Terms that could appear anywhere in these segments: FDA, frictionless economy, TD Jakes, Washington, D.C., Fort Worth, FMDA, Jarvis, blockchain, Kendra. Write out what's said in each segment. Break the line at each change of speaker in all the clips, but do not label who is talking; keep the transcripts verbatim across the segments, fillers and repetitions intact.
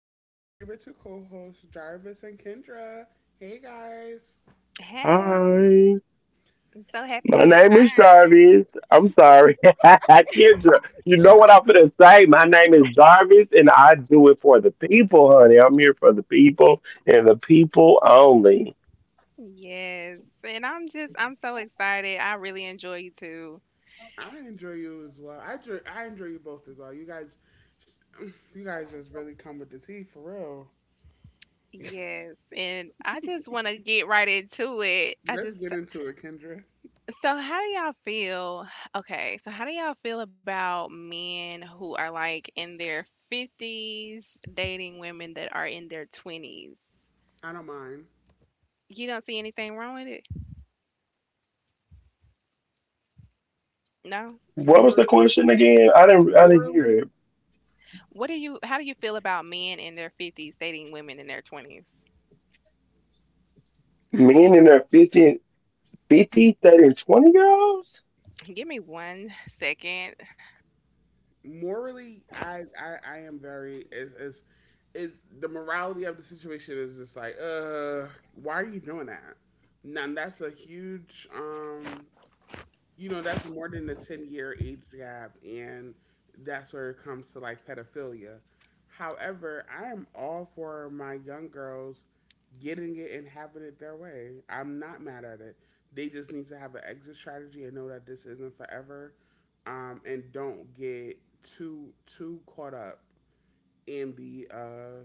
with my favorite two co hosts, Jarvis and Kendra. Hey guys,
Hey, I'm so happy to return. Yes, and I'm just I'm so excited. I really enjoy you too.
I enjoy you as well. I enjoy, I enjoy you both as well. You guys, you guys just really come with the tea for real.
Yes, and I just want to get right into it. I
Let's get
just
into it, Kendra.
So how do y'all feel? Okay, so how do y'all feel about men who are like in their fifties dating women that are in their twenties?
I don't mind.
You don't see anything wrong with it? No?
Morally, morally
What do you how do you feel about men in their fifties dating women in their twenties? Give me one second.
morally, I, I I am very is is is the morality of the situation is just like, uh, why are you doing that? Now that's a huge um you know that's more than the ten year age gap, and that's where it comes to like pedophilia. However, I am all for my young girls getting it and having it their way. I'm not mad at it. They just need to have an exit strategy and know that this isn't forever. Um, and don't get too too caught up in the uh,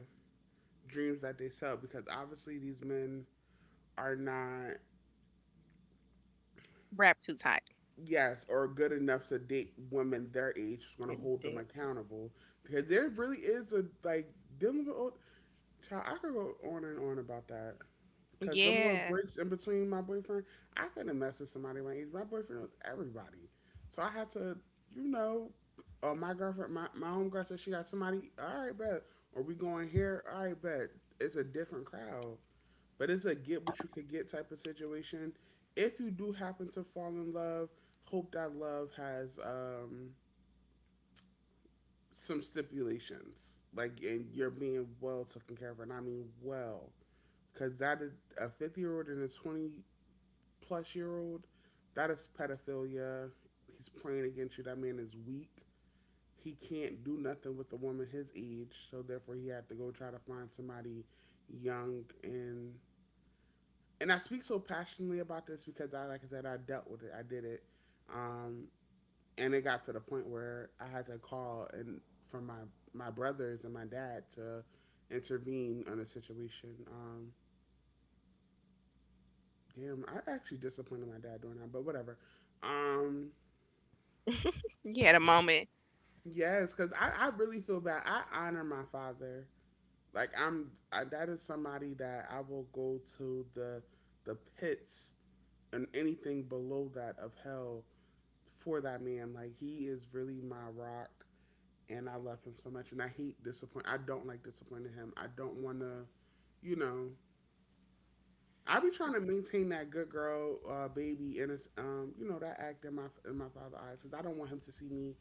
dreams that they sell because obviously these men are not,
Wrap too tight.
yes, or good enough to date women their age is going to
It
hold them
did.
accountable because there really is a like dealing with old child. I could go on and on about that because them little
Yeah.
breaks in between my boyfriend, I couldn't mess with somebody my age. My boyfriend was everybody, so I had to, you know, uh, my girlfriend, my my homegirl said she got somebody. All right, bet. Or we going here? All right, bet. It's a different crowd, but it's a get what you can get type of situation. If you do happen to fall in love, hope that love has um, some stipulations, like, and you're being well taken care of, and I mean well, because that is a fifty year old and a twenty plus year old, that is pedophilia. He's praying against you. That man is weak. He can't do nothing with a woman his age, so therefore he had to go try to find somebody young, and and I speak so passionately about this because I, like I said, I dealt with it. I did it, um, and it got to the point where I had to call and for my my brothers and my dad to intervene on the situation. Um, damn, I actually disappointed my dad doing that, but whatever. Um,
You had moment.
yes, because I, I really feel bad. I honor my father. Like I'm, I, that is somebody that I will go to the the pits and anything below that of hell for that man. Like he is really my rock, and I love him so much. And I hate disappoint. I don't like disappointing him. I don't want to, you know. I be trying to maintain that good girl, uh, baby, and it's um, you know, that act in my in my father's eyes because I don't want him to see me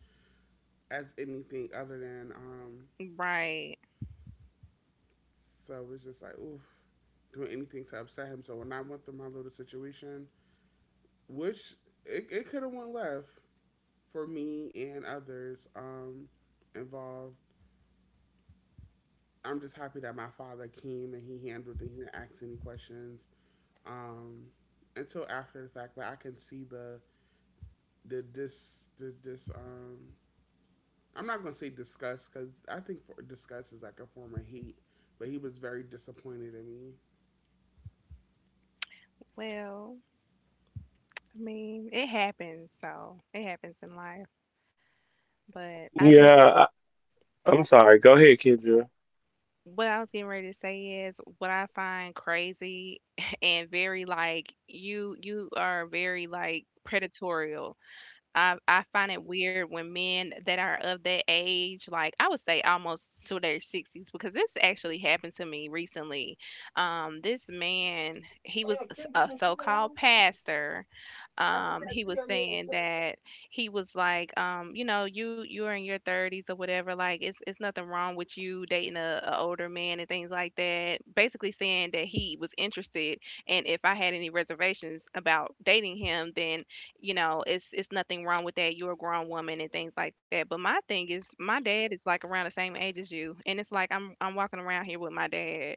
as anything other than um.
Right.
So it's just like oof, doing anything to upset him. So when I went through my little situation, which it, it could have went left for me and others um involved, I'm just happy that my father came and he handled it. He didn't ask any questions, um, until after the fact. But I can see the the dis the dis. Um, I'm not gonna say disgust because I think for, disgust is like a form of hate. But he was very disappointed in me.
Well, I mean, it happens. So it happens in life. But I just, what I was getting ready to say is what I find crazy and very like, you, you are very like, predatory. I I find it weird when men that are of that age, like I would say almost to their sixties, because this actually happened to me recently. Um, this man, he was a a so-called pastor. Um, he was saying that he was like, um, you know, you you're in your thirties or whatever. Like, it's it's nothing wrong with you dating a, a older man and things like that. Basically saying that he was interested, and if I had any reservations about dating him, then you know, it's it's nothing wrong with that. You're a grown woman and things like that. But my thing is, my dad is like around the same age as you, and it's like I'm I'm walking around here with my dad.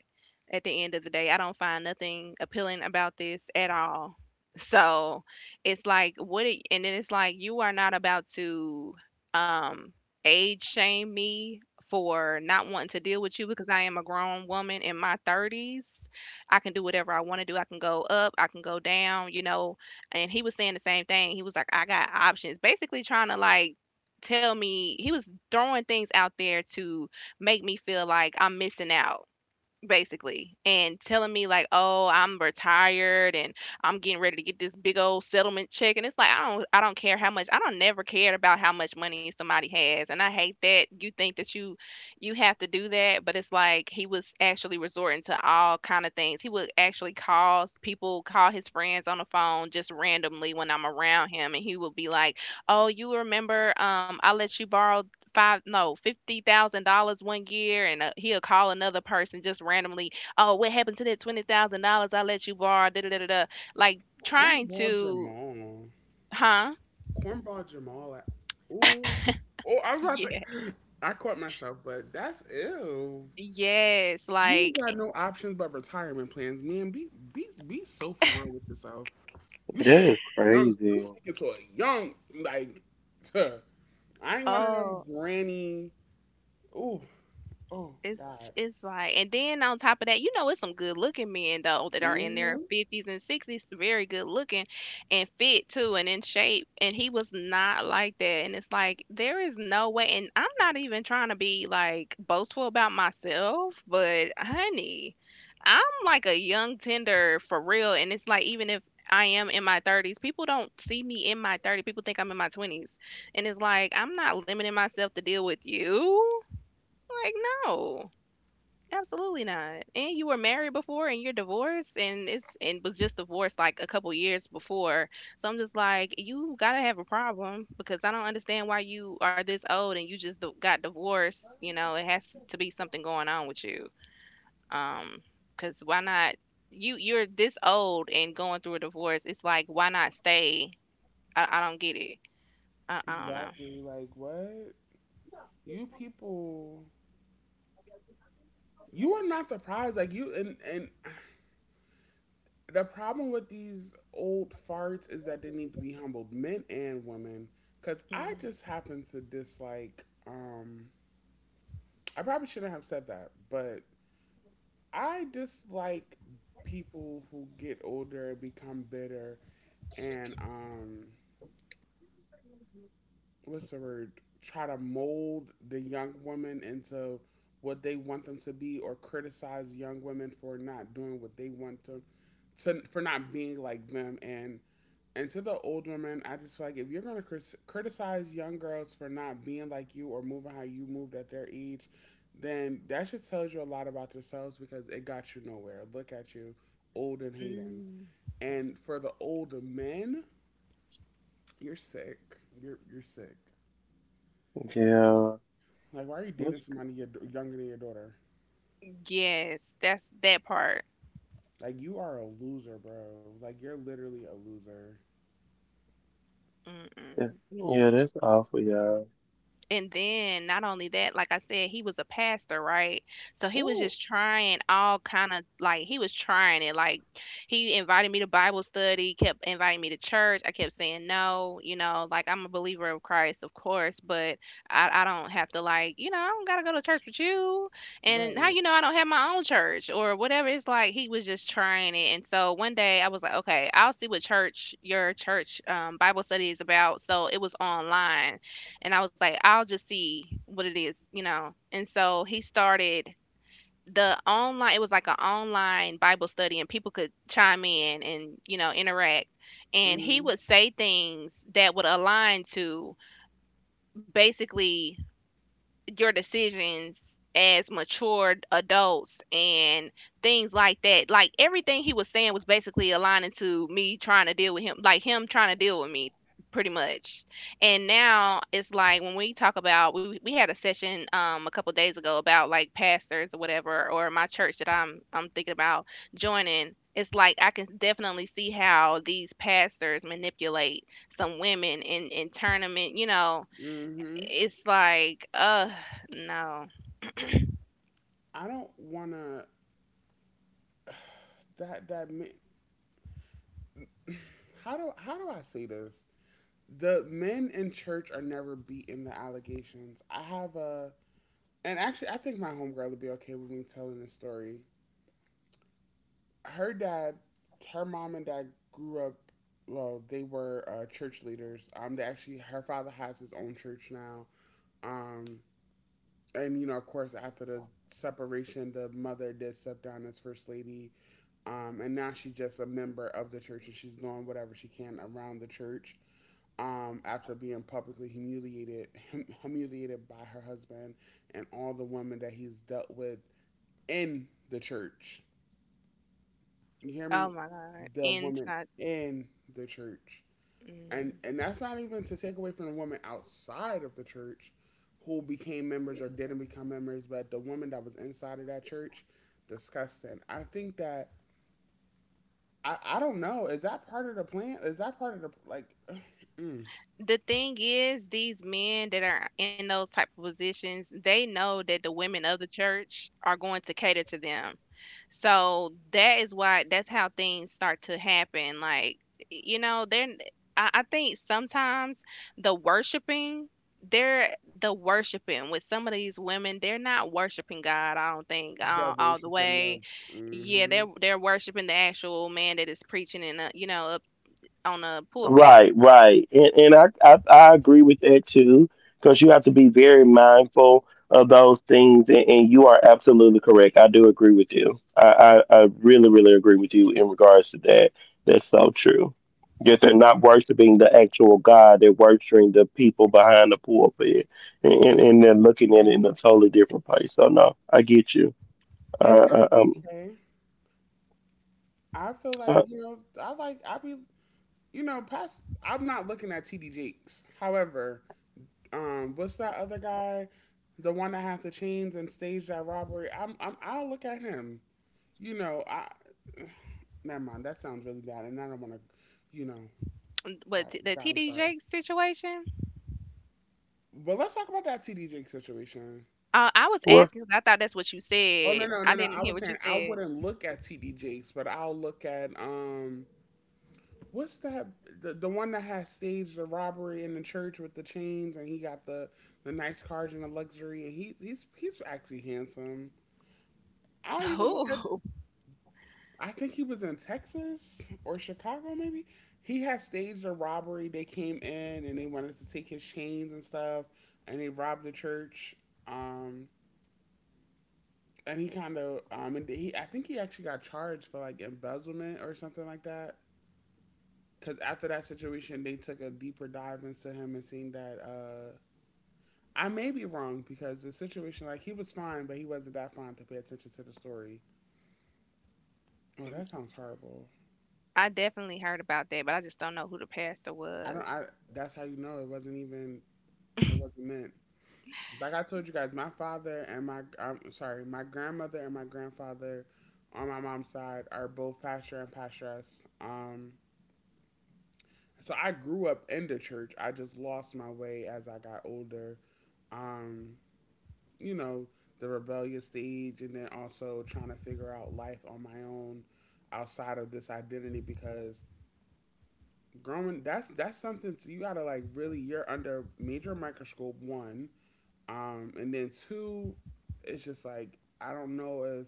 At the end of the day, I don't find nothing appealing about this at all. So it's like what, it, and then it's like you are not about to um age shame me for not wanting to deal with you because I am a grown woman in my thirties. I can do whatever I want to do. I can go up, I can go down, you know, and he was saying the same thing. He was like, I got options. Basically trying to like tell me he was throwing things out there to make me feel like I'm missing out basically, and telling me like, "Oh, I'm retired and I'm getting ready to get this big old settlement check." And it's like, I don't I don't care how much. I don't never cared about how much money somebody has, and I hate that you think that you you have to do that, but it's like he was actually resorting to all kind of things. He would actually call people, call his friends on the phone just randomly when I'm around him, and he would be like, "Oh, you remember um I let you borrow five no fifty thousand dollars one year," and uh, he'll call another person just randomly, "Oh, what happened to that twenty thousand dollars I let you borrow, da, da, da, da, da." Like, trying
Cornball
to,
Jamal.
huh?
Cornball Jamal. I- Ooh. Oh, I was about
Yeah,
to. I caught myself, but that's ew.
yes,
You ain't
like, eh,
got no options but retirement plans, man. Be be be so for real with yourself. You speaking to a young, you speaking to a young, like, I ain't one of them
oh.
granny. Ooh, oh
It's
God.
it's like and then on top of that, you know it's some good looking men though that are in their
Hmm.
fifties and sixties, very good looking and fit too and in shape. And he was not like that. And it's like there is no way and I'm not even trying to be like boastful about myself, but honey, I'm like a young tender for real and it's like even if I am in my thirties. People don't see me in my thirties. People think I'm in my twenties. And it's like, I'm not limiting myself to deal with you. Like, no. Absolutely not. And you were married before and you're divorced and it's and was just divorced like a couple years before. So I'm just like, you gotta have a problem because I don't understand why you are this old and you just d- got divorced. You know, it has to be something going on with you. Um, because why not? You you're this old and going through a divorce. It's like why not stay? I, I don't get it. I, I don't know.
Exactly. Like what? You people, you are not the prize. Like you, and and the problem with these old farts is that they need to be humbled, men and women. Cause I just happen to dislike. Um, I probably shouldn't have said that, but I dislike people who get older and become bitter and um what's the word, try to mold the young woman into what they want them to be, or criticize young women for not doing what they want them to, for not being like them, and and to the old women, I just feel like if you're going to crit- criticize young girls for not being like you or moving how you moved at their age, then that should tells you a lot about yourselves because it got you nowhere. Look at you, old and
Mm,
hating.
mm.
And for the older men, you're sick. You're you're sick. Like, why are you dating somebody your, younger than your daughter?
Yes, that's that part.
Like, you are a loser, bro. Like, you're literally a loser.
Mm-mm. And then not only that, like I said, he was a pastor, right? So he was
Ooh,
just trying all kind of like he was trying it. Like he invited me to Bible study, kept inviting me to church. I kept saying no, you know, like I'm a believer of Christ, of course, but I, I don't have to like, you know, I don't gotta go to church with you. And how
right.
you know I don't have my own church or whatever. It's like he was just trying it. And so one day I was like, okay, I'll see what church your church um, Bible study is about. So it was online and I was like, I'll just see what it is, you know. And so he started the online it was like an online Bible study and people could chime in and, you know, interact. And he
Mm-hmm.
would say things that would align to basically your decisions as mature adults and things like that. Like everything he was saying was basically aligning to me trying to deal with him, like him trying to deal with me pretty much. And now it's like when we talk about we we had a session um a couple days ago about like pastors or whatever or my church that I'm I'm thinking about joining. It's like I can definitely see how these pastors manipulate some women and and turn them in, you know,
Mm-hmm.
it's like, ugh, no.
I don't wanna that that. ma- How do how do I say this? The men in church are never beat in the allegations. I have a, and actually I think my homegirl would be okay with me telling this story. Her dad, her mom and dad grew up, well, they were uh, church leaders. Um, they actually, her father has his own church now. Um, and you know, of course, after the separation, the mother did step down as first lady. Um, and now she's just a member of the church, and she's doing whatever she can around the church, um, after being publicly humiliated hum- humiliated by her husband and all the women that he's dealt with in the church. You hear
Oh
me?
my God.
The
And
women in the church, and
mm.
and that's not even to take away from the women outside of the church who became members or didn't become members, but the woman that was inside of that church, disgusting. I think that I, I don't know. Is that part of the plan? Is that part of the like mm,
The thing is, these men that are in those type of positions, they know that the women of the church are going to cater to them. So that is why that's how things start to happen. Like, you know, they're I, I think sometimes the worshiping they're the worshiping with some of these women, they're not worshiping God. I don't think, uh,
devil
all the
worshiping
way. Yeah,
the?
they're they're worshiping the actual man that is preaching in a, you know, up on a pulpit.
And that's
Mm.
okay. I feel like, you know, I like, I be, you know, past, I'm not looking at T D Jakes. However, um, what's that other guy? The one that had the chains and staged that robbery. I'm, I'm, I'll look at him. You know, I, never mind. That sounds really bad. And I don't want to, you know, God,
But t- the
God, I'm
T D
sorry.
Jake situation,
But let's talk about that T D Jakes situation.
uh, I was asking 'cause I thought that's what you
Oh, no,
said.
no, no,
I
no.
didn't
I
hear
was
what you
saying I
said.
wouldn't look at T D Jakes, but I'll look at, um, what's that? The, the one that has staged the robbery in the church with the chains, and he got the, the nice cars and the luxury, and he he's he's actually handsome. I don't even look at.
Who?
I think he was in Texas or Chicago, maybe. He had staged a robbery. They came in and they wanted to take his chains and stuff, and they robbed the church. Um, and he kind of um, and he I think he actually got charged for like embezzlement or something like that. Because after that situation, they took a deeper dive into him and seen that. Uh, I may be wrong because the situation, like he was fine, but he wasn't that fine to pay attention to the story. Oh, that sounds horrible.
I definitely heard about that, but I just don't know who the pastor
I don't.
was.
I. That's how you know it wasn't even. It wasn't meant. Like I told you guys, my father and my. I'm sorry, my grandmother and my grandfather, on my mom's side, are both pastor and pastoress. Um, so I grew up in the church. I just lost my way as I got older. Um, you know, the rebellious stage and then also trying to figure out life on my own outside of this identity because growing that's that's something to, you gotta like really you're under major microscope one, um and then two, it's just like I don't know if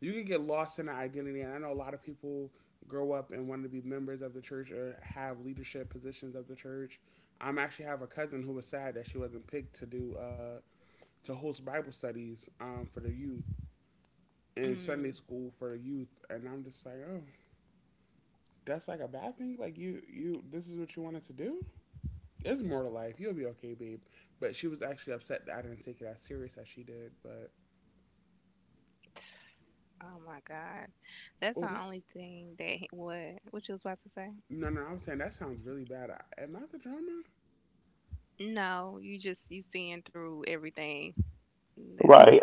you can get lost in the identity, and I know a lot of people grow up and want to be members of the church or have leadership positions of the church. I'm actually have a cousin who was sad that she wasn't picked to do uh to host bible studies um for the youth in Sunday
Mm,
school for youth, and I'm just like, oh, that's like a bad thing. Like you, you, this is what you wanted to do. There's more to life. You'll be okay, babe. But she was actually upset that I didn't take it as serious as she did. But
oh my God, that's
oh,
the
that's
only thing that he- what what you was about to say?
no, no. I'm saying that sounds really bad. I, am I the drama?
No, you just you seeing through everything. That's all.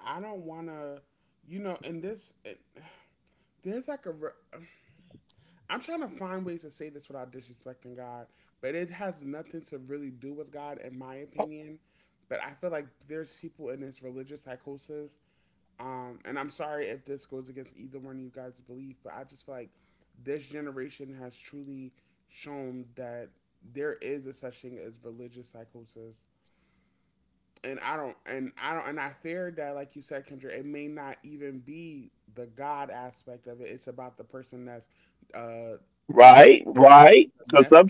I don't wanna, you know. In this, it, there's like a. Am trying to find ways to say this without disrespecting God, but it has nothing to really do with God, in my opinion. But I feel like there's people in this religious psychosis. Um, and I'm sorry if this goes against either one of you guys' belief, but I just feel like this generation has truly shown that there is a such thing as religious psychosis. And I don't, and I don't, and I fear that, like you said, Kendra, it may not even be the God aspect of it. It's about the person that's, uh, you know, sharing the message.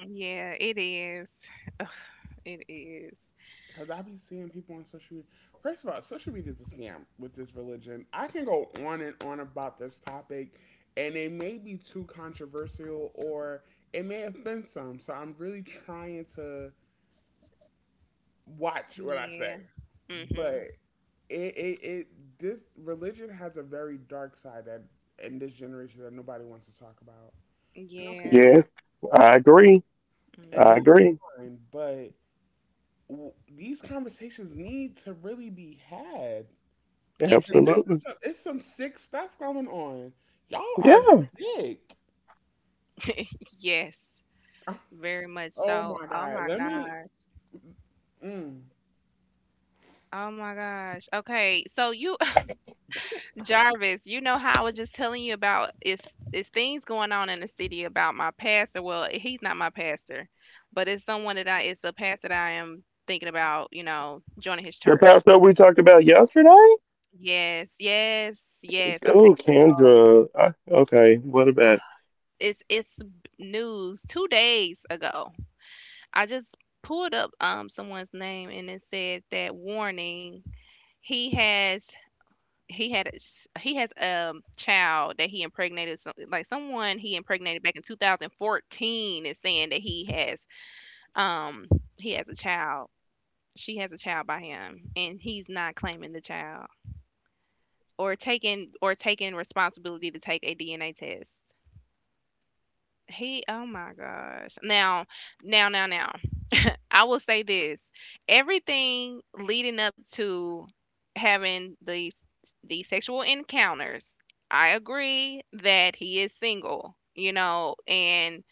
Yeah, it is. It is.
Cause I be seeing people on social media. First of all, social media is a scam with this religion. I can go on and on about this topic, and it may be too controversial, or it may offend some. So I'm really trying to watch what I say.
Yeah.
But
Mm-hmm.
it, it, it this religion has a very dark side that in this generation that nobody wants to talk about. And okay,
Yeah.
cool. And
Mm-hmm.
that's fine. But w- these conversations need to really be had.
Yes, they
This
do.
is some, it's some sick stuff going on. Y'all are sick.
Yes, very much
Oh
so.
my
Oh
God.
my
Let me.
gosh.
Mm.
Oh my gosh. Okay, so you, Jarvis, you know how I was just telling you about it's it's things going on in the city about my pastor. Well, he's not my pastor, but it's someone that I it's a pastor that I am thinking about, you know, joining his church. Yes, yes, yes. Okay. It's it's b- news two days ago. I just pulled up um someone's name and it said that warning. He has he had a s- he has a child that he impregnated some, like someone he impregnated back in twenty fourteen is saying that he has um he has a child. She has a child by him and he's not claiming the child or taking or taking responsibility to take a D N A test. He oh my gosh. Now now now now I will say this. Everything leading up to having the the sexual encounters, I agree that he is single, you know, and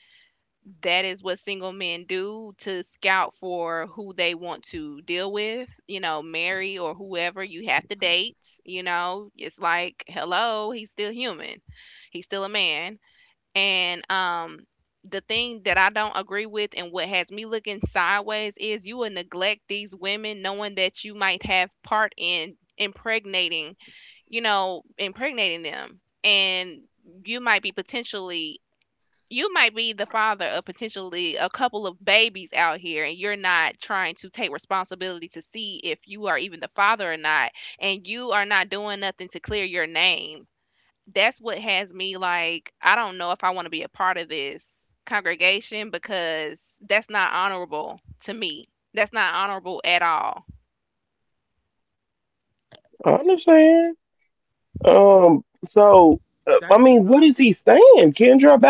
that is what single men do to scout for who they want to deal with, you know, marry or whoever you have to date, you know. It's like, hello, he's still human. He's still a man and um, the thing that I don't agree with and what has me looking sideways is you will neglect these women knowing that you might have part in impregnating, you know, impregnating them. And you might be potentially you might be the father of potentially a couple of babies out here and you're not trying to take responsibility to see if you are even the father or not, and you are not doing nothing to clear your name. That's what has me like I don't know if I want to be a part of this congregation because that's not honorable to me. That's not honorable at all.
That's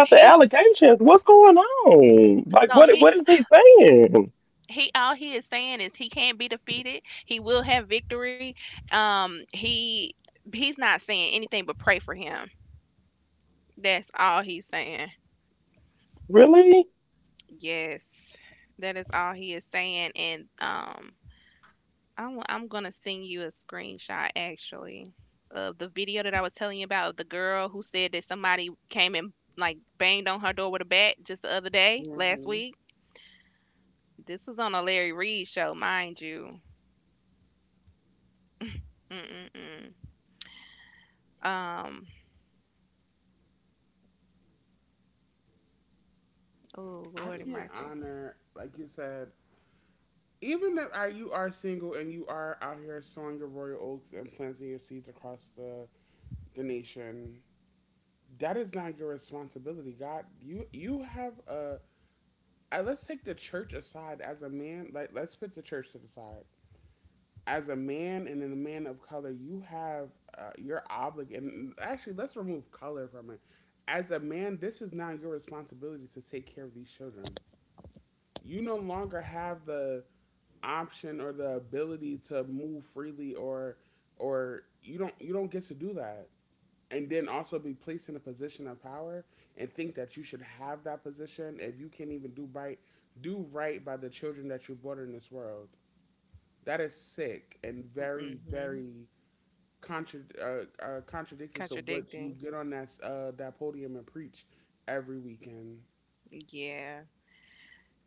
He, so he he all he is saying is he can't be defeated. He will have victory. Um, he he's not saying anything but pray for him. That's all he's saying. Yes. That is all he is saying and um I wa- I'm gonna send you a screenshot actually of the video that I was telling you about of the girl who said that somebody came and like banged on her door with a bat just the other day last
Hmm.
week. This was on a Larry Reed show, mind you. Mm-mm-mm. Um. Oh
I
Lord, have
can't
mercy.
honor, like you said, even if I, you are single and you are out here sowing your royal oats and planting your seeds across the, the nation, that is not your responsibility. God, you you have a. I, let's take the church aside as a man. Like, let's put the church to the side. As a man and in a man of color, you have uh, you're obligated. Actually, let's remove color from it. As a man, this is now your responsibility to take care of these children. You no longer have the option or the ability to move freely or or you don't you don't get to do that and then also be placed in a position of power and think that you should have that position if you can't even do right do right by the children that you brought in this world. That is sick and very,
Mm-hmm.
very contra- uh, uh, contradictory to what you
Contradicting.
get on that s- uh, that podium and preach every weekend.
Yeah.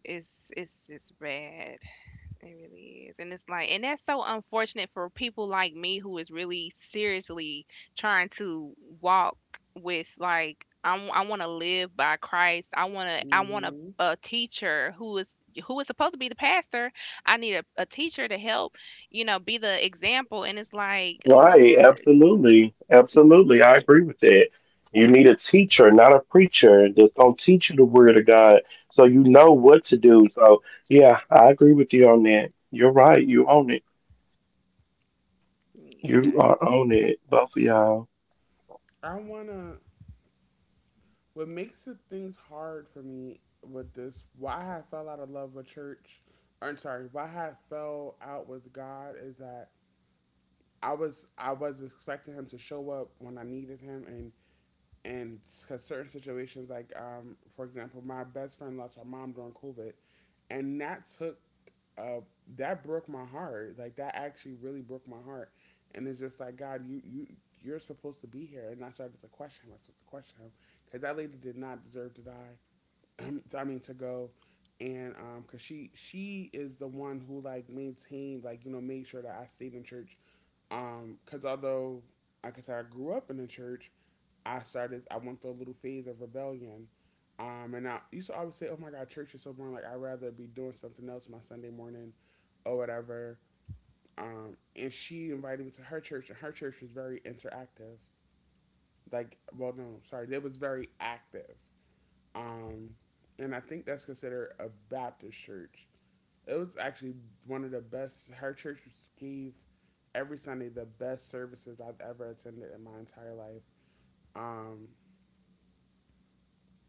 It's it's it's bad. It really is. And it's like, and that's so unfortunate for people like me who is really seriously trying to walk with, like, I'm, I want to live by Christ. I want to I want a,
Hmm.
a teacher who is who is supposed to be the pastor. I need a, a teacher to help, you know, be the example. And it's like, Lord, yeah,
I wanna. What makes the things hard for me with this? Why I have fell out of love with church? I'm sorry. Why I have fell out with God is that I was I was expecting Him to show up when I needed Him, and and cause certain situations, like um, for example, my best friend lost her mom during COVID, and that took uh, that broke my heart. Like that actually really broke my heart, and it's just like God, you you you're supposed to be here, and I started to question him. I started to question him because that lady did not deserve to die. I mean to go, and um, cause she she is the one who, like, maintained, like, you know made sure that I stayed in church. Um, cause although, like I said, I grew up in the church. I started. I went through a little phase of rebellion. Um, and I used to always say, "Oh my God, church is so boring. Like I'd rather be doing something else my Sunday morning, or whatever." Um, and she invited me to her church, and her church was very interactive. Like, well, no, sorry, it was very active. Um, and I think that's considered a Baptist church. It was actually one of the best. Her church gave every Sunday the best services I've ever attended in my entire life. Um,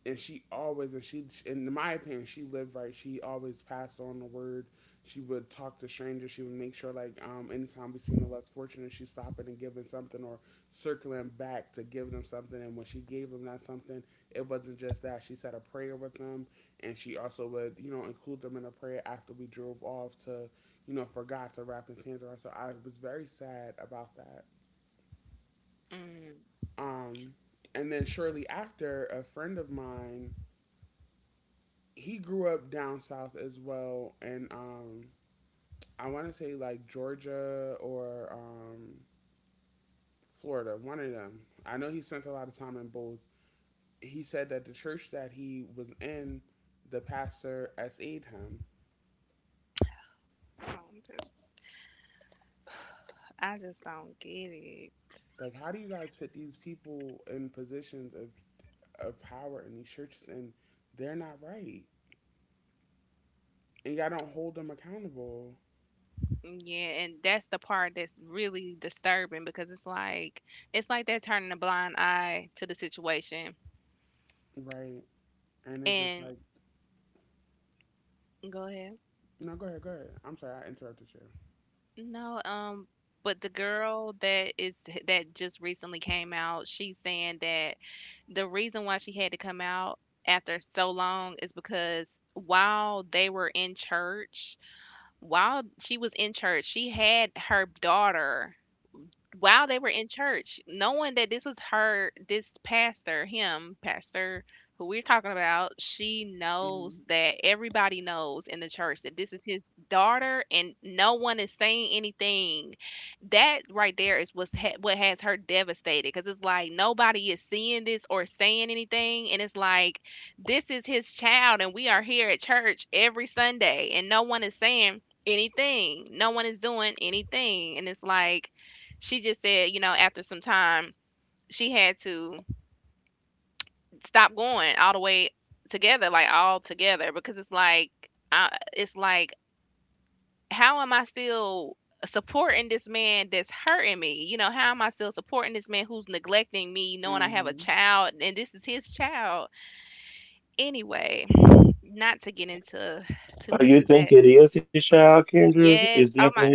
and she always, and she, in my opinion, she lived right. She always passed on the word. She would talk to strangers. She would make sure, like, um anytime we seen the less fortunate, she's stopping and giving something, or circling back to give them something. And when she gave them that something, it wasn't just that she said a prayer with them, and she also would, you know include them in a prayer after we drove off to, you know for god to wrap his hands around. So I was very sad about that.
mm,
um and then shortly after, a friend of mine, he grew up down south as well, and um, I want to say like Georgia, or um, Florida, one of them. I know he spent a lot of time in both. He said that the church that he was in, the pastor S A'd him.
I don't just I just don't get it.
Like, how do you guys put these people in positions of, of power in these churches, and they're not right? And y'all don't hold them accountable,
Yeah, and that's the part that's really disturbing because it's like it's like they're turning a blind eye to the situation.
right? And it's just like,
And go ahead.
no, go ahead, go ahead. I'm sorry, I interrupted
No, um, but the girl that is that just recently came out, she's saying that the reason why she had to come out after so long is because while they were in church, while she was in church, she had her daughter while they were in church, knowing that this was her, this pastor, him, pastor who we're talking about, she
you.
knows that everybody knows in the church that this is his daughter and no one is saying anything. That right there is what's ha- what has her devastated because it's like nobody is seeing this or saying anything. And it's like, this is his child and we are here at church every Sunday and no one is saying anything. No one is doing anything. And it's like, she just said, you know, after some time, she had to stop going all the way together, like all together, because it's like, I, it's like, how am I still supporting this man that's hurting me? You know, how am I still supporting this man who's neglecting me, knowing
Hmm.
I have a
Hmm.
child and this is his child? Anyway, not to get into too much of that. Yes. Oh my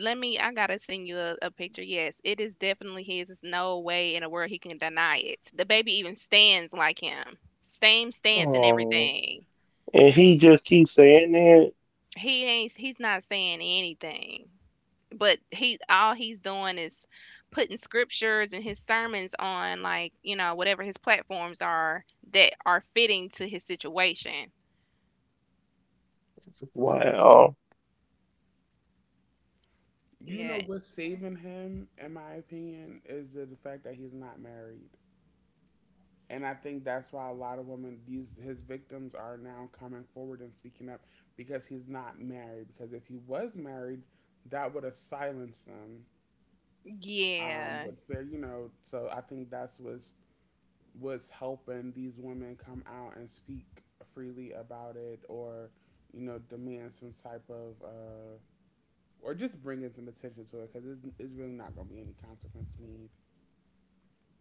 Let me, I gotta send you a, a picture. Yes, it is definitely his. There's no way in the world he can deny it. The baby even stands like him. Same stance and everything. He ain't he's not saying anything. But he all he's doing is putting scriptures and his sermons on, like, you know, whatever his platforms are that are fitting to his situation.
You know
Yeah.
what's saving him, in my opinion, is the, the fact that he's not married, and I think that's why a lot of women, these his victims, are now coming forward and speaking up because he's not married. Because if he was married, that would have silenced them. Um,
Yeah.
but there you know. So I think that's what's what's helping these women come out and speak freely about it, or you know, demand some type of uh, or just bringing some attention to it because it's, it's really not going to be any consequence made.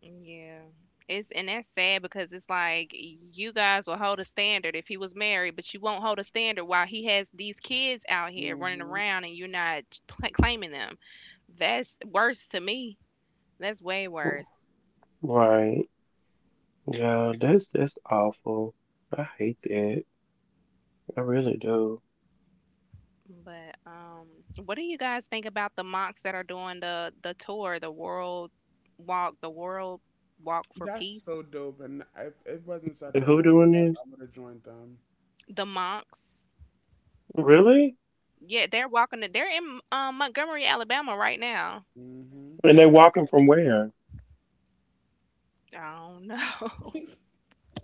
Yeah. It's, and that's sad because it's like you guys will hold a standard if he was married, but you won't hold a standard while he has these kids out here running
Hmm.
around and you're not pl- claiming them. That's worse to me. That's way worse. But um, what do you guys think about the monks that are doing the the tour, the world walk, the world walk for
That's
peace?
so dope, and if it wasn't such a long walk, I would have joined them.
The monks, yeah, they're walking. The, they're in um, Montgomery, Alabama, right now.
Hmm.
I don't know.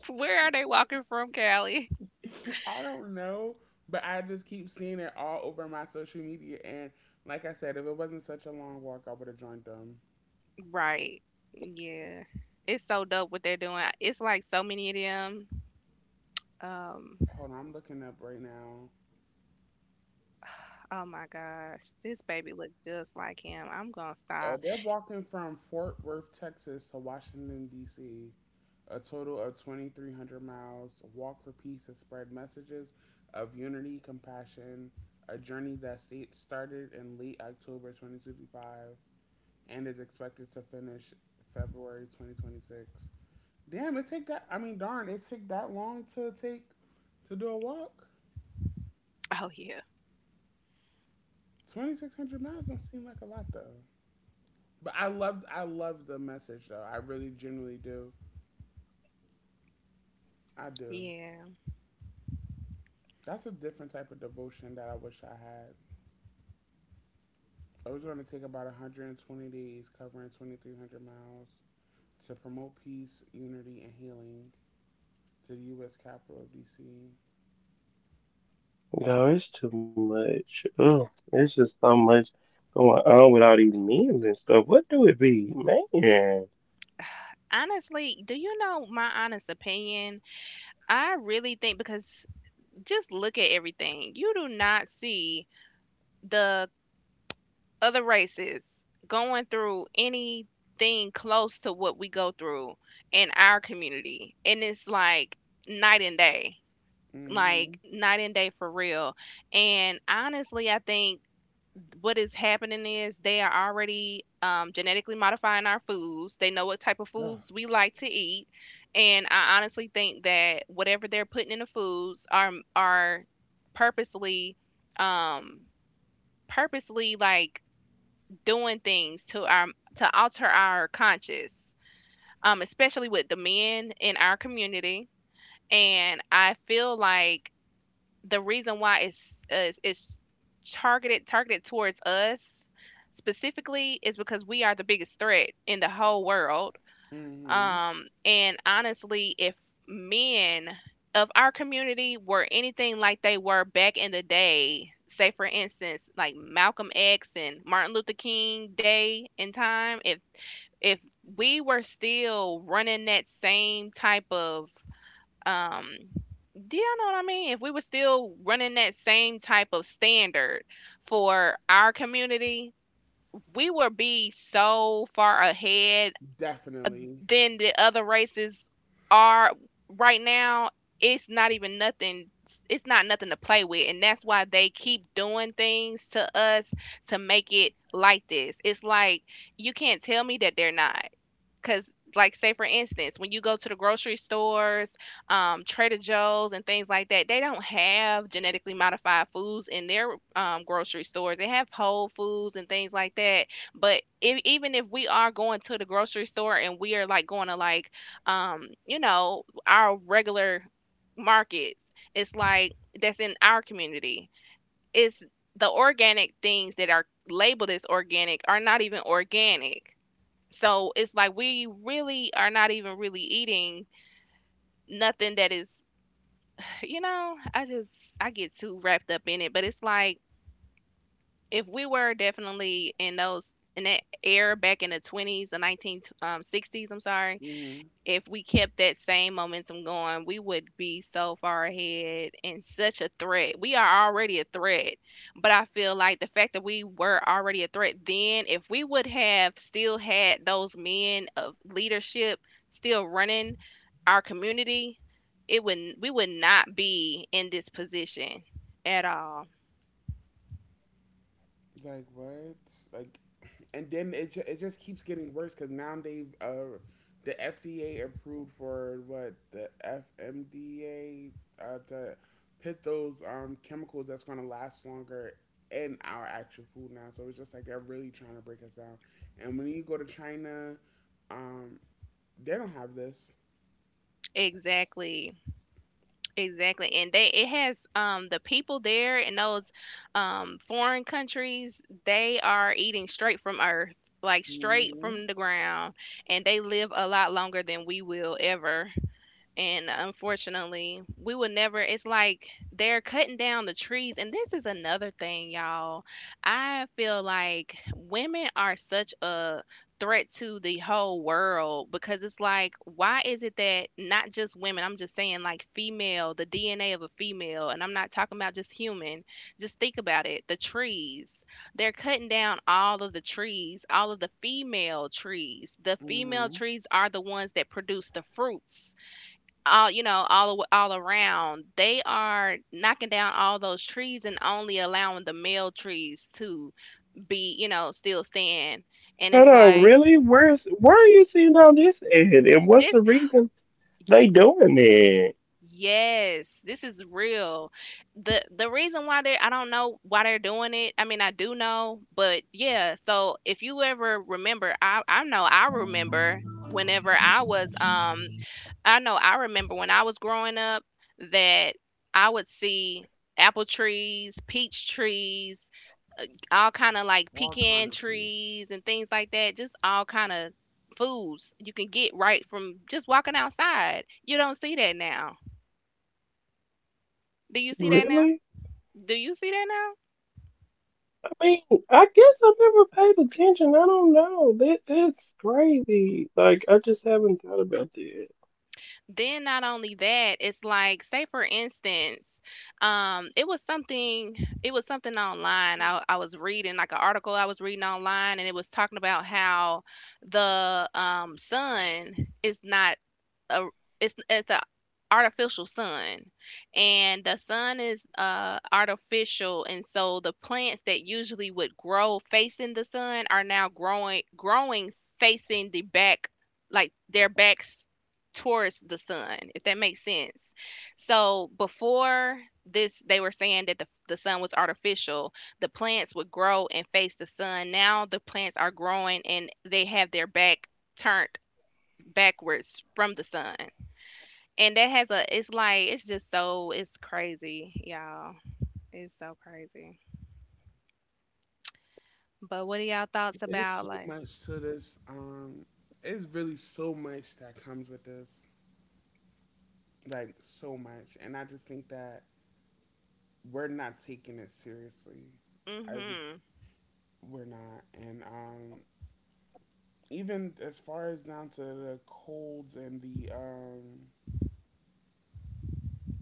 Where are they walking from, Cali?
I don't know, but I just keep seeing it all over my social media, and like I said, if it wasn't such a long walk, I would have joined them.
Right. Yeah. It's so dope what they're doing. It's like so many of them. Um,
Hold on, I'm looking up right now.
oh my gosh. This baby look just like him. I'm gonna
Oh,
stop.
they're walking from Fort Worth, Texas to Washington, D C, a total of twenty-three hundred miles. Walk for Peace to spread messages of unity, compassion, a journey that sta- started in late October twenty twenty-five and is expected to finish February twenty twenty-six. Damn, it take that, I mean, darn, it take that long to take to do a walk?
Oh yeah.
twenty-six hundred miles don't seem like a lot, though. But I love, I love the message, though. I really genuinely do. I do.
Yeah.
That's a different type of devotion that I wish I had. I was going to take about one hundred twenty days covering twenty-three hundred miles to promote peace, unity, and healing to the U S capital of D C.
Honestly, do you know my honest opinion? I really think, because just look at everything. You do not see the other races going through anything close to what we go through in our community, and it's like night and day,
Mm-hmm.
like night and day, for real. And honestly, I think what is happening is they are already, um, genetically modifying our foods. They know what type of
Oh,
foods we like to eat, and I honestly think that whatever they're putting in the foods are are purposely, um, purposely, like, doing things to our to alter our conscience, um, especially with the men in our community. And I feel like the reason why it's is it's targeted targeted towards us specifically is because we are the biggest threat in the whole world.
mm-hmm.
Um, and honestly, if men of our community were anything like they were back in the day, say for instance, like Malcolm X and Martin Luther King day and time, if if we were still running that same type of, um, do y'all know what I mean? If we were still running that same type of standard for our community, we would be so far ahead
Definitely.
than the other races are right now. It's not even nothing, it's not nothing to play with, and that's why they keep doing things to us to make it like this. It's like you can't tell me that they're not, because, like, say for instance, when you go to the grocery stores, um, Trader Joe's, and things like that, they don't have genetically modified foods in their, um, grocery stores. They have whole foods and things like that. But if, even if we are going to the grocery store and we are, like, going to, like, um, you know, our regular markets, it's like that's in our community. It's the organic things that are labeled as organic are not even organic, so it's like we really are not even really eating nothing that is, you know, I just, I get too wrapped up in it. But it's like, if we were definitely in those in that era back in the twenties, the nineteen um sixties, I'm sorry,
Mm-hmm.
if we kept that same momentum going, we would be so far ahead and such a threat. We are already a threat, but I feel like the fact that we were already a threat then, if we would have still had those men of leadership still running our community, it would we would not be in this position at all.
Like what? Like, and then it ju- it just keeps getting worse because now they've uh, the F D A approved for what the F M D A, uh, to put those um chemicals that's gonna last longer in our actual food now. So it's just like they're really trying to break us down. And when you go to China, um, they don't have this.
Exactly. Exactly, and they it has, um, the people there in those, um, foreign countries, they are eating straight from earth, like straight
Hmm.
from the ground, and they live a lot longer than we will ever, and unfortunately we will never. It's like they're cutting down the trees, and this is another thing, y'all. I feel like women are such a threat to the whole world, because it's like, why is it that, not just women, I'm just saying, like, female, the DNA of a female, and I'm not talking about just human, just think about it. The trees, they're cutting down all of the trees, all of the female trees. The female
Hmm.
trees are the ones that produce the fruits. All, you know, all aw- all around, they are knocking down all those trees and only allowing the male trees to be, you know, still stand. And it's like, this, yes, this is real. The the reason why they are, I don't know why they're doing it, I mean, I do know, but yeah. So if you ever remember, i i know I remember whenever I was, um, I know I remember when I was growing up that I would see apple trees, peach trees, all kind of, like,
All kind
pecan
of food.
trees and things like that, just all kind of foods you can get right from just walking outside. You don't see that now. Do you see that now? Do you see that now? Then not only that, it's like, say for instance, um, it was something it was something online. I, I was reading, like, an article I was reading online, and it was talking about how the, um, sun is not a it's it's a artificial sun. And the sun is, uh, artificial, and so the plants that usually would grow facing the sun are now growing growing facing the back, like their backs towards the sun, if that makes sense. So before this, they were saying that the, the sun was artificial, the plants would grow and face the sun. Now the plants are growing and they have their back turned backwards from the sun. And that has a, it's like, it's just so, it's crazy, y'all. It's so crazy. But what are y'all thoughts
There's
about,
so
like,
much to this. Um, it's really so much that comes with this. Like so much, and I just think that we're not taking it seriously, as it,
mhm.
we're not, and um, even as far as down to the colds and the um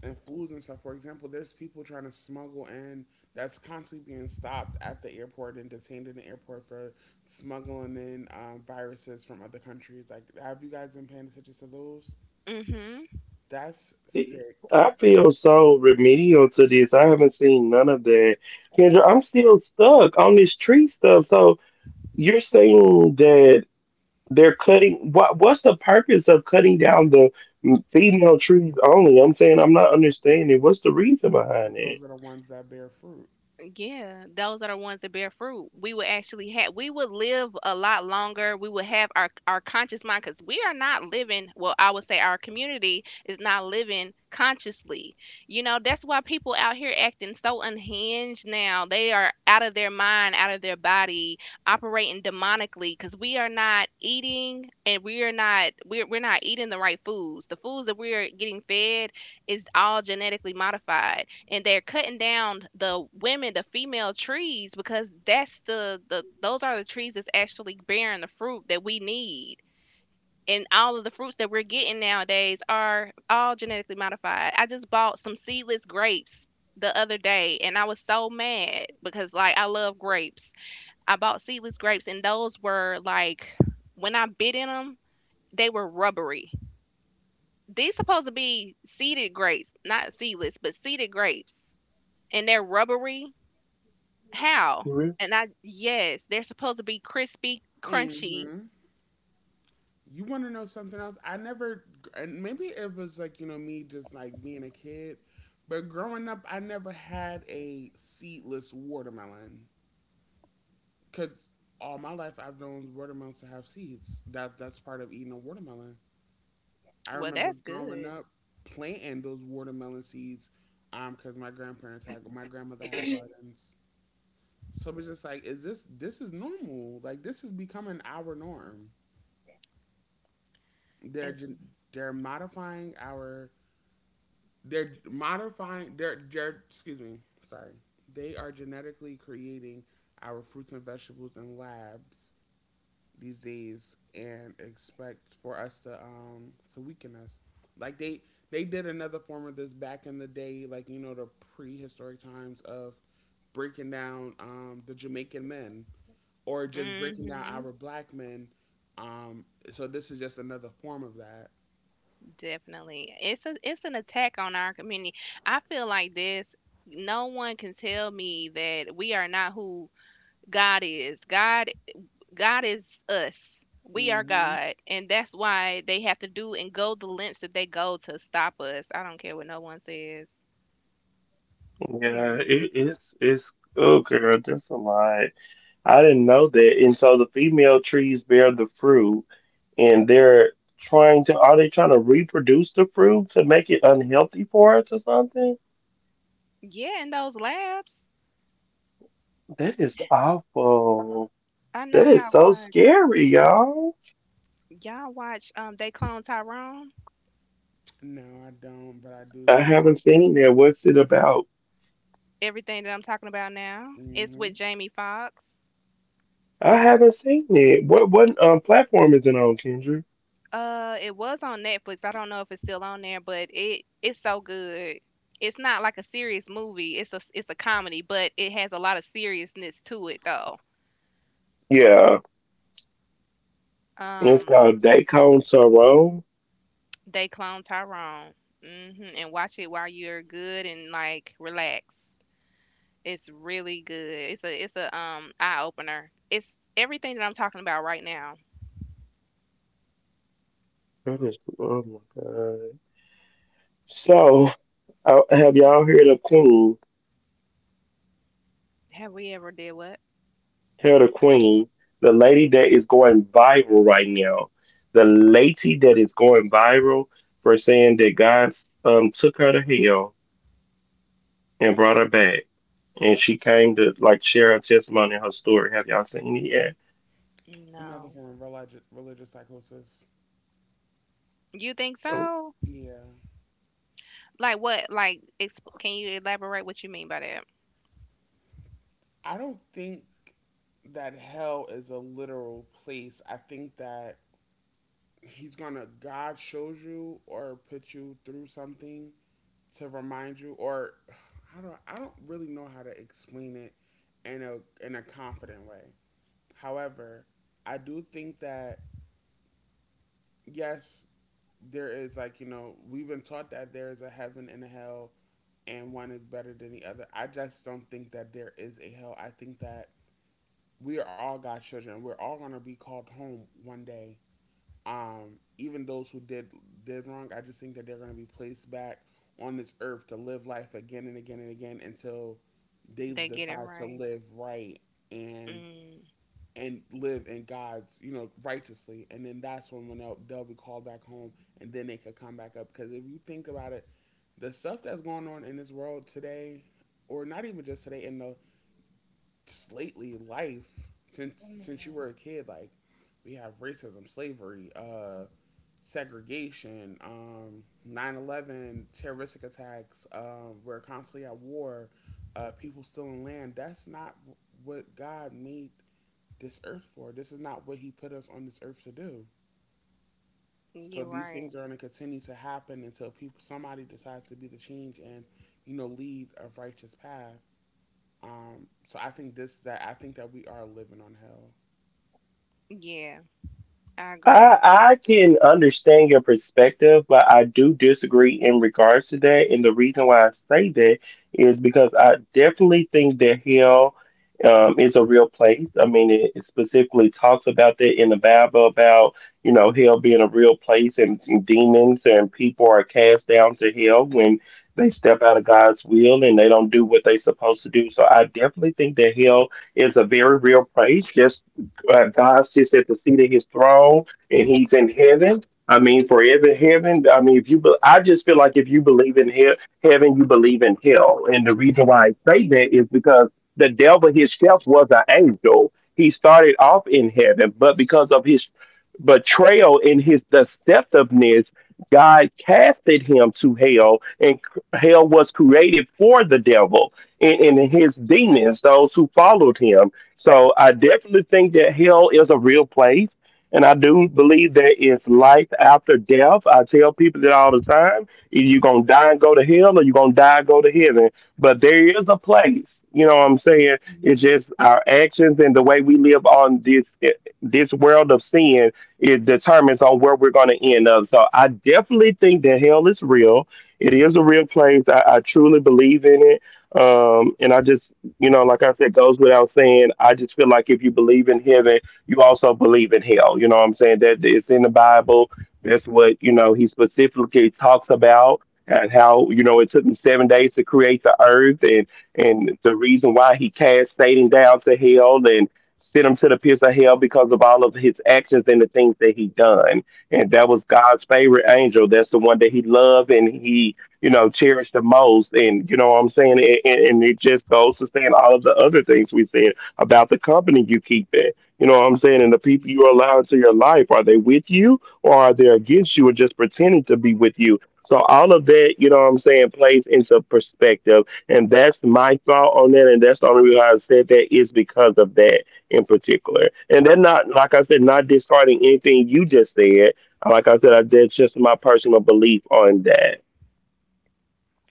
and flus and stuff. For example, there's people trying to smuggle in that's constantly being stopped at the airport and detained in the airport for smuggling in um, viruses from other countries. Like, have you guys been paying attention to those?
Mhm.
That's sick. 'Cause those are the ones that bear fruit.
Yeah, those are the ones that bear fruit. We would actually have, we would live a lot longer. We would have our our conscious mind because we are not living. Well, I would say our community is not living consciously. You know, that's why people out here acting so unhinged now. They are out of their mind, out of their body, operating demonically because we are not eating and we are not we're we're not eating the right foods. The foods that we are getting fed is all genetically modified, and they're cutting down the women, the female trees, because that's the the those are the trees that's actually bearing the fruit that we need. And all of the fruits that we're getting nowadays are all genetically modified. I just bought some seedless grapes the other day, and I was so mad because, like, I love grapes. I bought seedless grapes, and those were like, when I bit in them, they were rubbery. These supposed to be seeded grapes, not seedless, but seeded grapes, and they're rubbery. How? And I, yes, they're supposed to be crispy, crunchy.
Hmm. You want to know something else? I never, and maybe it was like, you know, me just like being a kid, but growing up, I never had a seedless watermelon. Because all my life, I've known watermelons to have seeds. That That's part of eating a watermelon. I
Well,
remember
that's
growing
good.
up planting those watermelon seeds, um, because my grandparents had, my grandmother had gardens. So it was just like, is this, this is normal. Like, this is becoming our norm. They're,
It's
gen- they're modifying our They're modifying. They're, they're excuse me. Sorry. They are genetically creating our fruits and vegetables in labs these days, and expect for us to um to weaken us. Like they they did another form of this back in the day, like you know the prehistoric times of breaking down um the Jamaican men, or just breaking down
hmm
our black men. Um, so this is just another form of that.
definitely. It's a it's an attack on our community. I feel like this. No one can tell me that we are not who God is. God God is us. We are
Hmm.
God, and that's why they have to do and go the lengths that they go to stop us. I don't care what no one says. Period. Yeah, in those labs. I know y'all watch. Y'all watch um They Clone Tyrone.
No, I don't, but I do see.
Everything that I'm talking about now. It's with
Hmm.
Jamie Foxx. Uh it was on Netflix. I don't know if it's still on there, but it it's so good. It's not like a serious movie. It's a it's a comedy, but it has a lot of seriousness to it though. Um They Clone Tyrone. Hmm. And watch it while you're good and like relaxed. It's really good. It's a it's a um eye opener. It's everything that I'm talking about right now. Have we ever did what?
Another
No.
form of religious religious psychosis.
You think so?
Yeah.
Like what? Like, exp- can you elaborate what you mean by that?
I don't think that hell is a literal place. I think that he's gonna God shows you or put you through something to remind you, or how do I don't I don't really know how to explain it in a in a confident way. However, I do think that yes, there is, like, you know, we've been taught that there is a heaven and a hell, and one is better than the other. I just don't think that there is a hell. I think that we are all God's children. We're all gonna be called home one day. Um, even those who did did wrong, I just think that they're gonna be placed back on this earth to live life again and again and again until they
They get it
decide to
right.
live right and
Mm,
and live in God's, you know, righteously. And then that's when, when they'll, they'll be called back home, and then they could come back up. Because if you think about it, the stuff that's going on in this world today, or not even just today, in the just lately life since since you were a kid, like we have racism, slavery, uh, segregation, um, nine eleven, terroristic attacks, um, we're constantly at war, uh, people stealing land. That's not what God made this earth for. This is not what he put us on this earth to do. So
you're
these
right.
things are going to continue to happen until people somebody decides to be the change and you know lead a righteous path. Um, so I think this that I think that we are living on hell.
Yeah, I agree.
Hmm.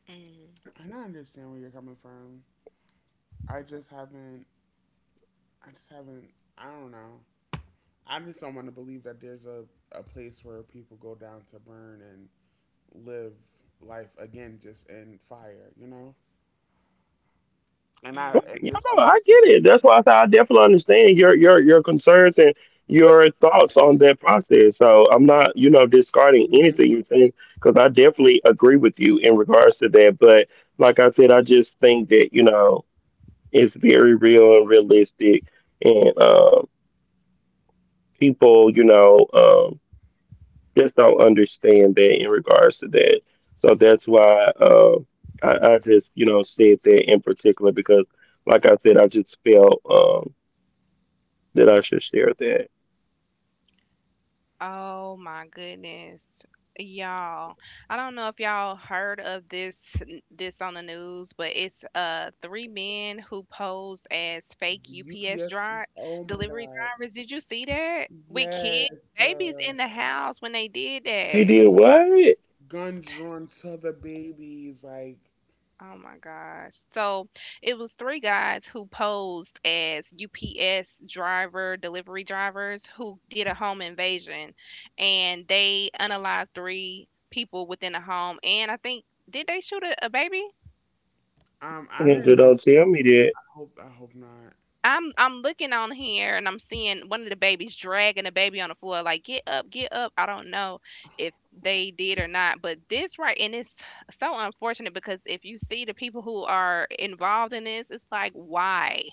Mm,
And I understand where you're coming from. I just haven't. I just haven't. I don't know. I just don't want to believe that there's a a place where people go down to burn and live life again just in fire. You know. And I and
mm.
this also. Mhm.
Oh my goodness. Y'all, I don't know if y'all heard of this this on the news, but it's uh three men who posed as fake U P S
U P S.
drive
Oh my
delivery
God.
drivers. Did you see that? With kids,
Yes.
babies
Uh,
in the house when they did that.
gun drawn to the babies. Like,
Oh my gosh. So it was three guys who posed as U P S driver, delivery drivers who did a home invasion and they unalived three people within the home. And I think, did they shoot a, a baby?
um, I didn't think. I hope. I hope not.
I'm I'm looking on here and I'm seeing one of the babies dragging the baby on the floor like get up, get up. I don't know if they did or not, but this right, and it's so unfortunate because if you see the people who are involved in this, it's like why?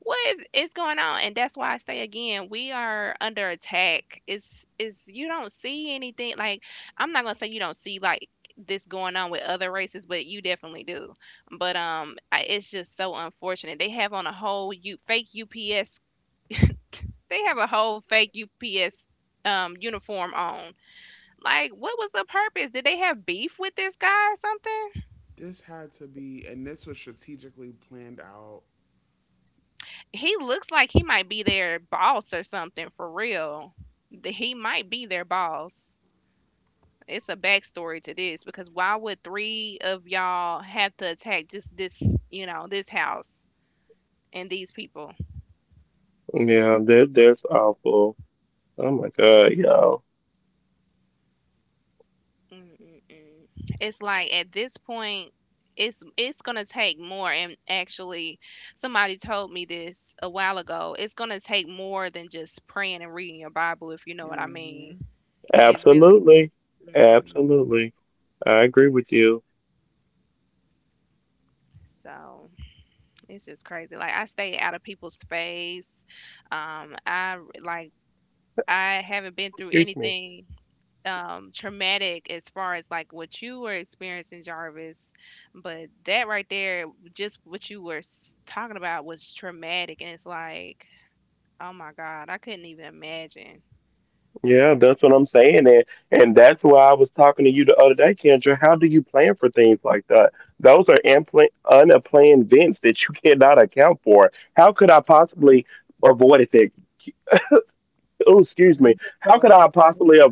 What is is going on? And that's why I say again, we are under attack. It's it's you don't see anything like, I'm not gonna say you don't see like this going on with other races, but you definitely do. But um, I, it's just so unfortunate. They have on a whole U, fake U P S. They have a whole fake U P S um uniform on. Like, what was the purpose? Did they have beef with this guy or something?
This had to be, and this was strategically planned out.
He looks like he might be their boss or something for real. Th- He might be their boss. It's a backstory to this because why would three of y'all have to attack just this, you know, this house and these people? Mm-mm-mm. It's like at this point, it's it's gonna take more. And actually, somebody told me this a while ago. It's gonna take more than just praying and reading your Bible, if you know what I mean.
Mm-hmm.
It really. Hmm. So it's just crazy. Like I stay out of people's space. Um, I like I haven't been through anything um traumatic as far as like what you were experiencing, Jarvis, but that right there, just what you were s- talking about was traumatic and it's like, oh my god, I couldn't even imagine
And who just left the children?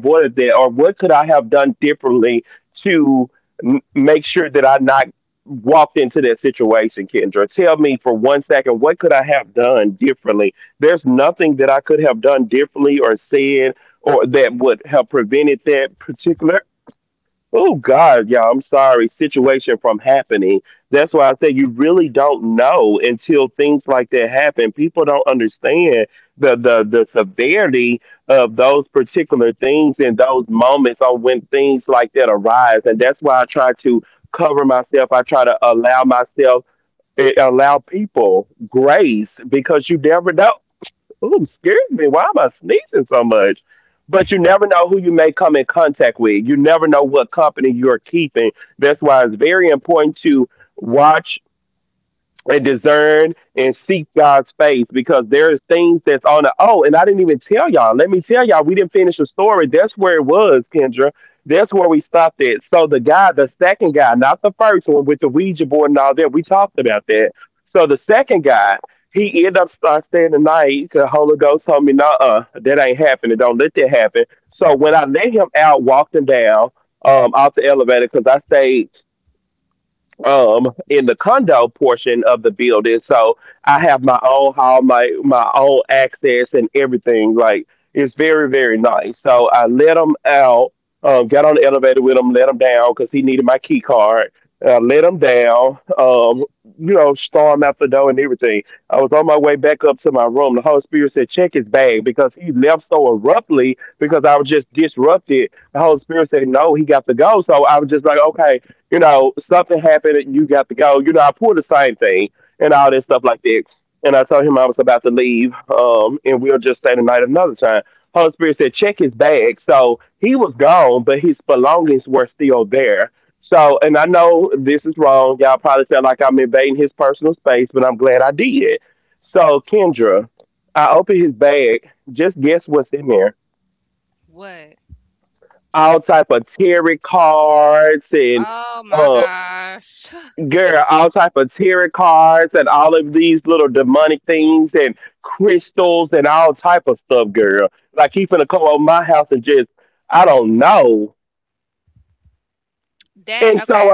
what. Oh my gosh. That, okay,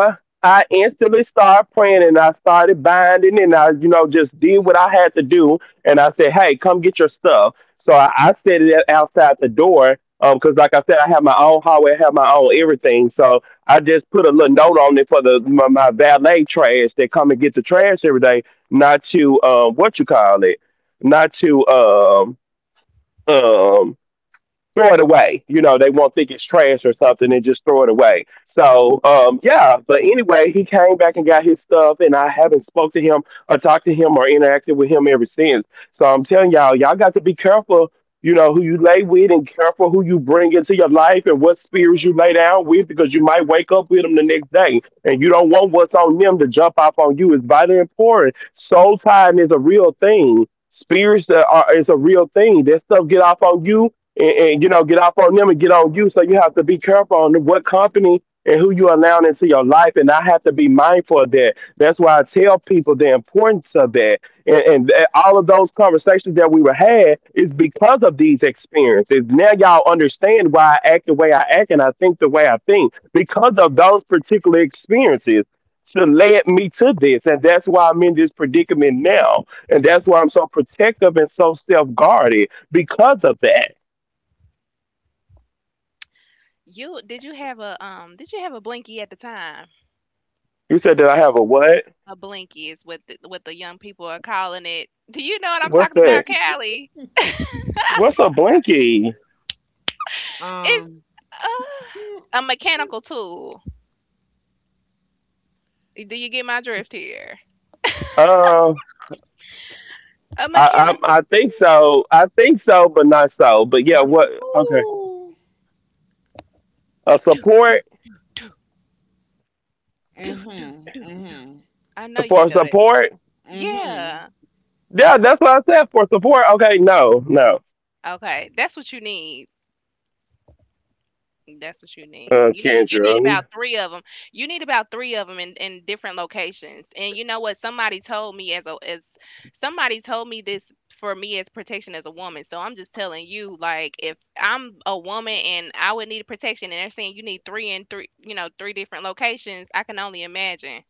you did you have a um did you have a blinky at the time? A blinky is what the, what the young people are calling it. Do you know what I'm talking about, Callie? It's
Um, hmm,
uh, a mechanical tool. Do you get my drift here? A mechanical tool.
Muscatool.
Dude,
Mm-hmm. Mm-hmm.
I know you know that.
Mm-hmm.
Yeah. Okay, that's what you need. That's what you need. You need you need about three of them. You need about three of them in in different locations. And you know what? Somebody told me as a as somebody told me this for me as protection as a woman. So I'm just telling you, like, if I'm a woman and I would need protection, and they're saying you need three in three, you know, three different locations, I can only imagine.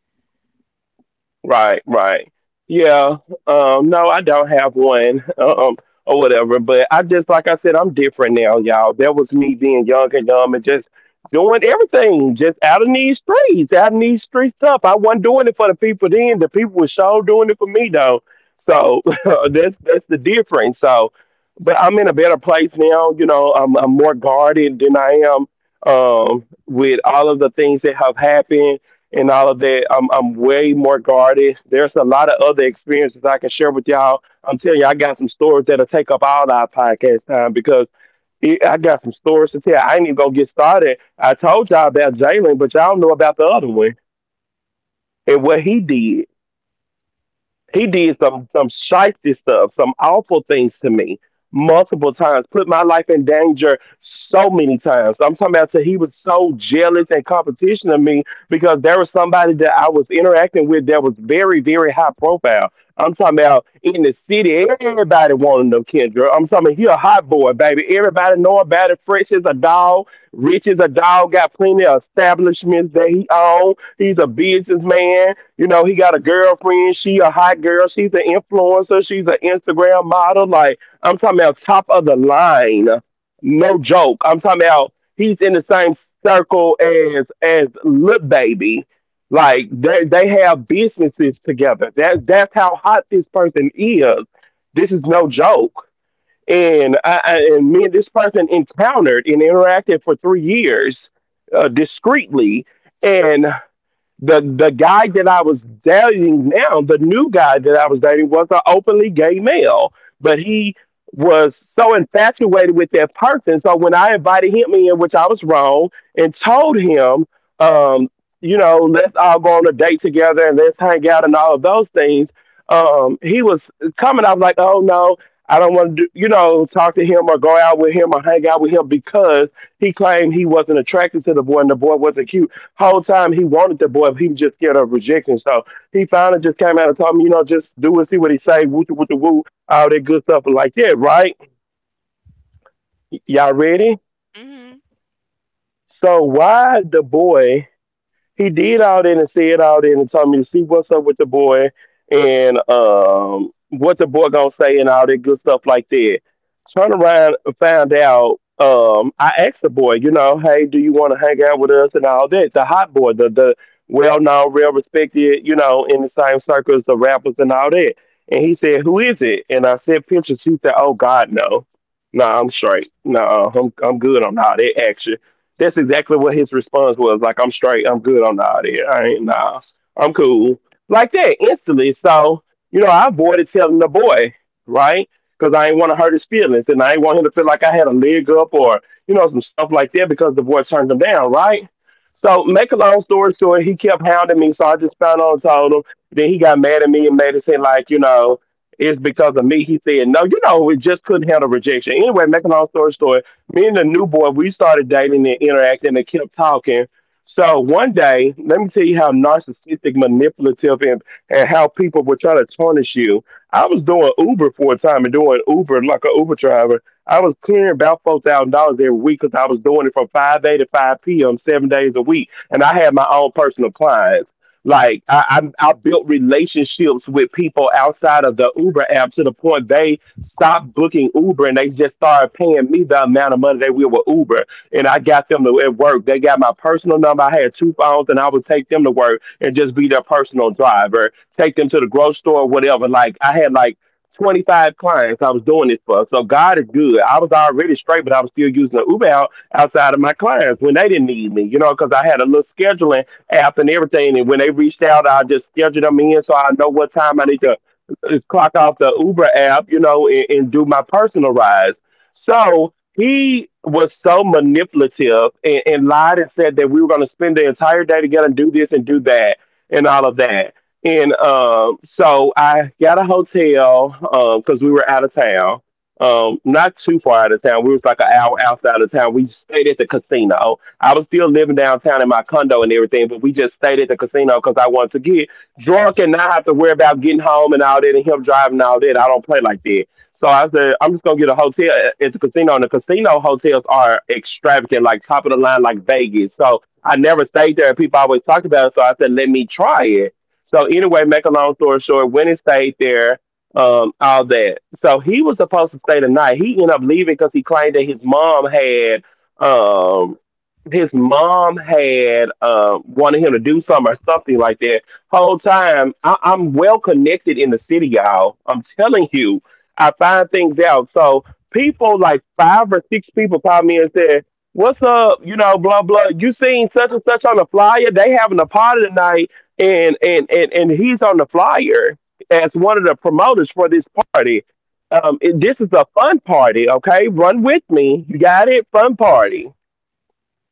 Mhm.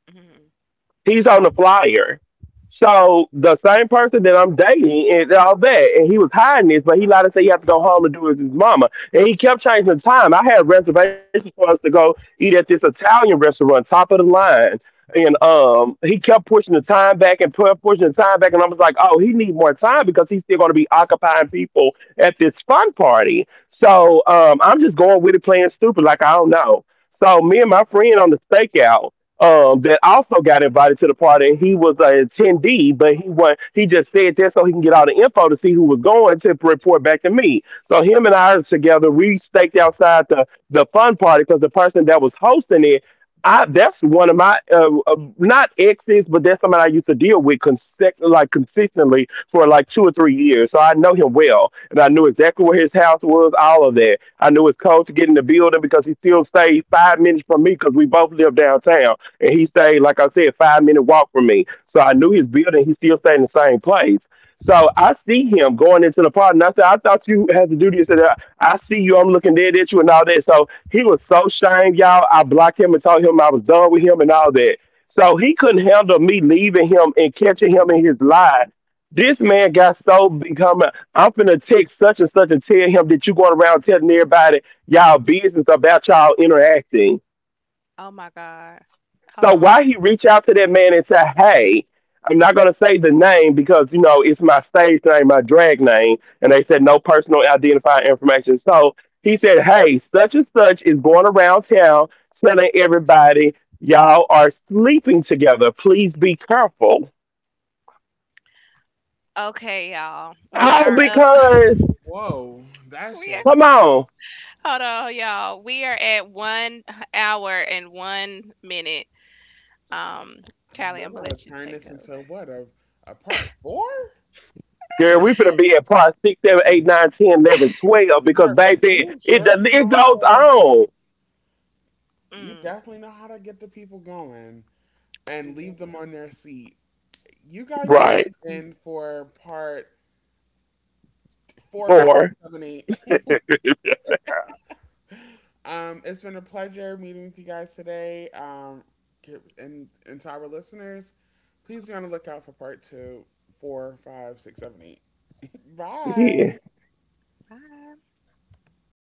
Mhm. Mhm. Oh my god. Hold on. Okay, y'all. We
That's,
are up.
that's whoa. That's
We are,
just.
hold on, y'all. We are at one hour and one minute. Um, Callie,
We're
I'm gonna
gonna
let you
turn
take
this
over.
into what, a a part four? Cause Yeah, you sure do know how to. You
Mm,
definitely know how to get the people going and
yeah.
leave them on their seat. You guys tuned in for part four, five, seven, eight. Um, it's been a pleasure meeting with you guys today. Um, get- and and to our listeners, please be on the lookout for part two, four, five, six, seven, eight. Bye.
Bye.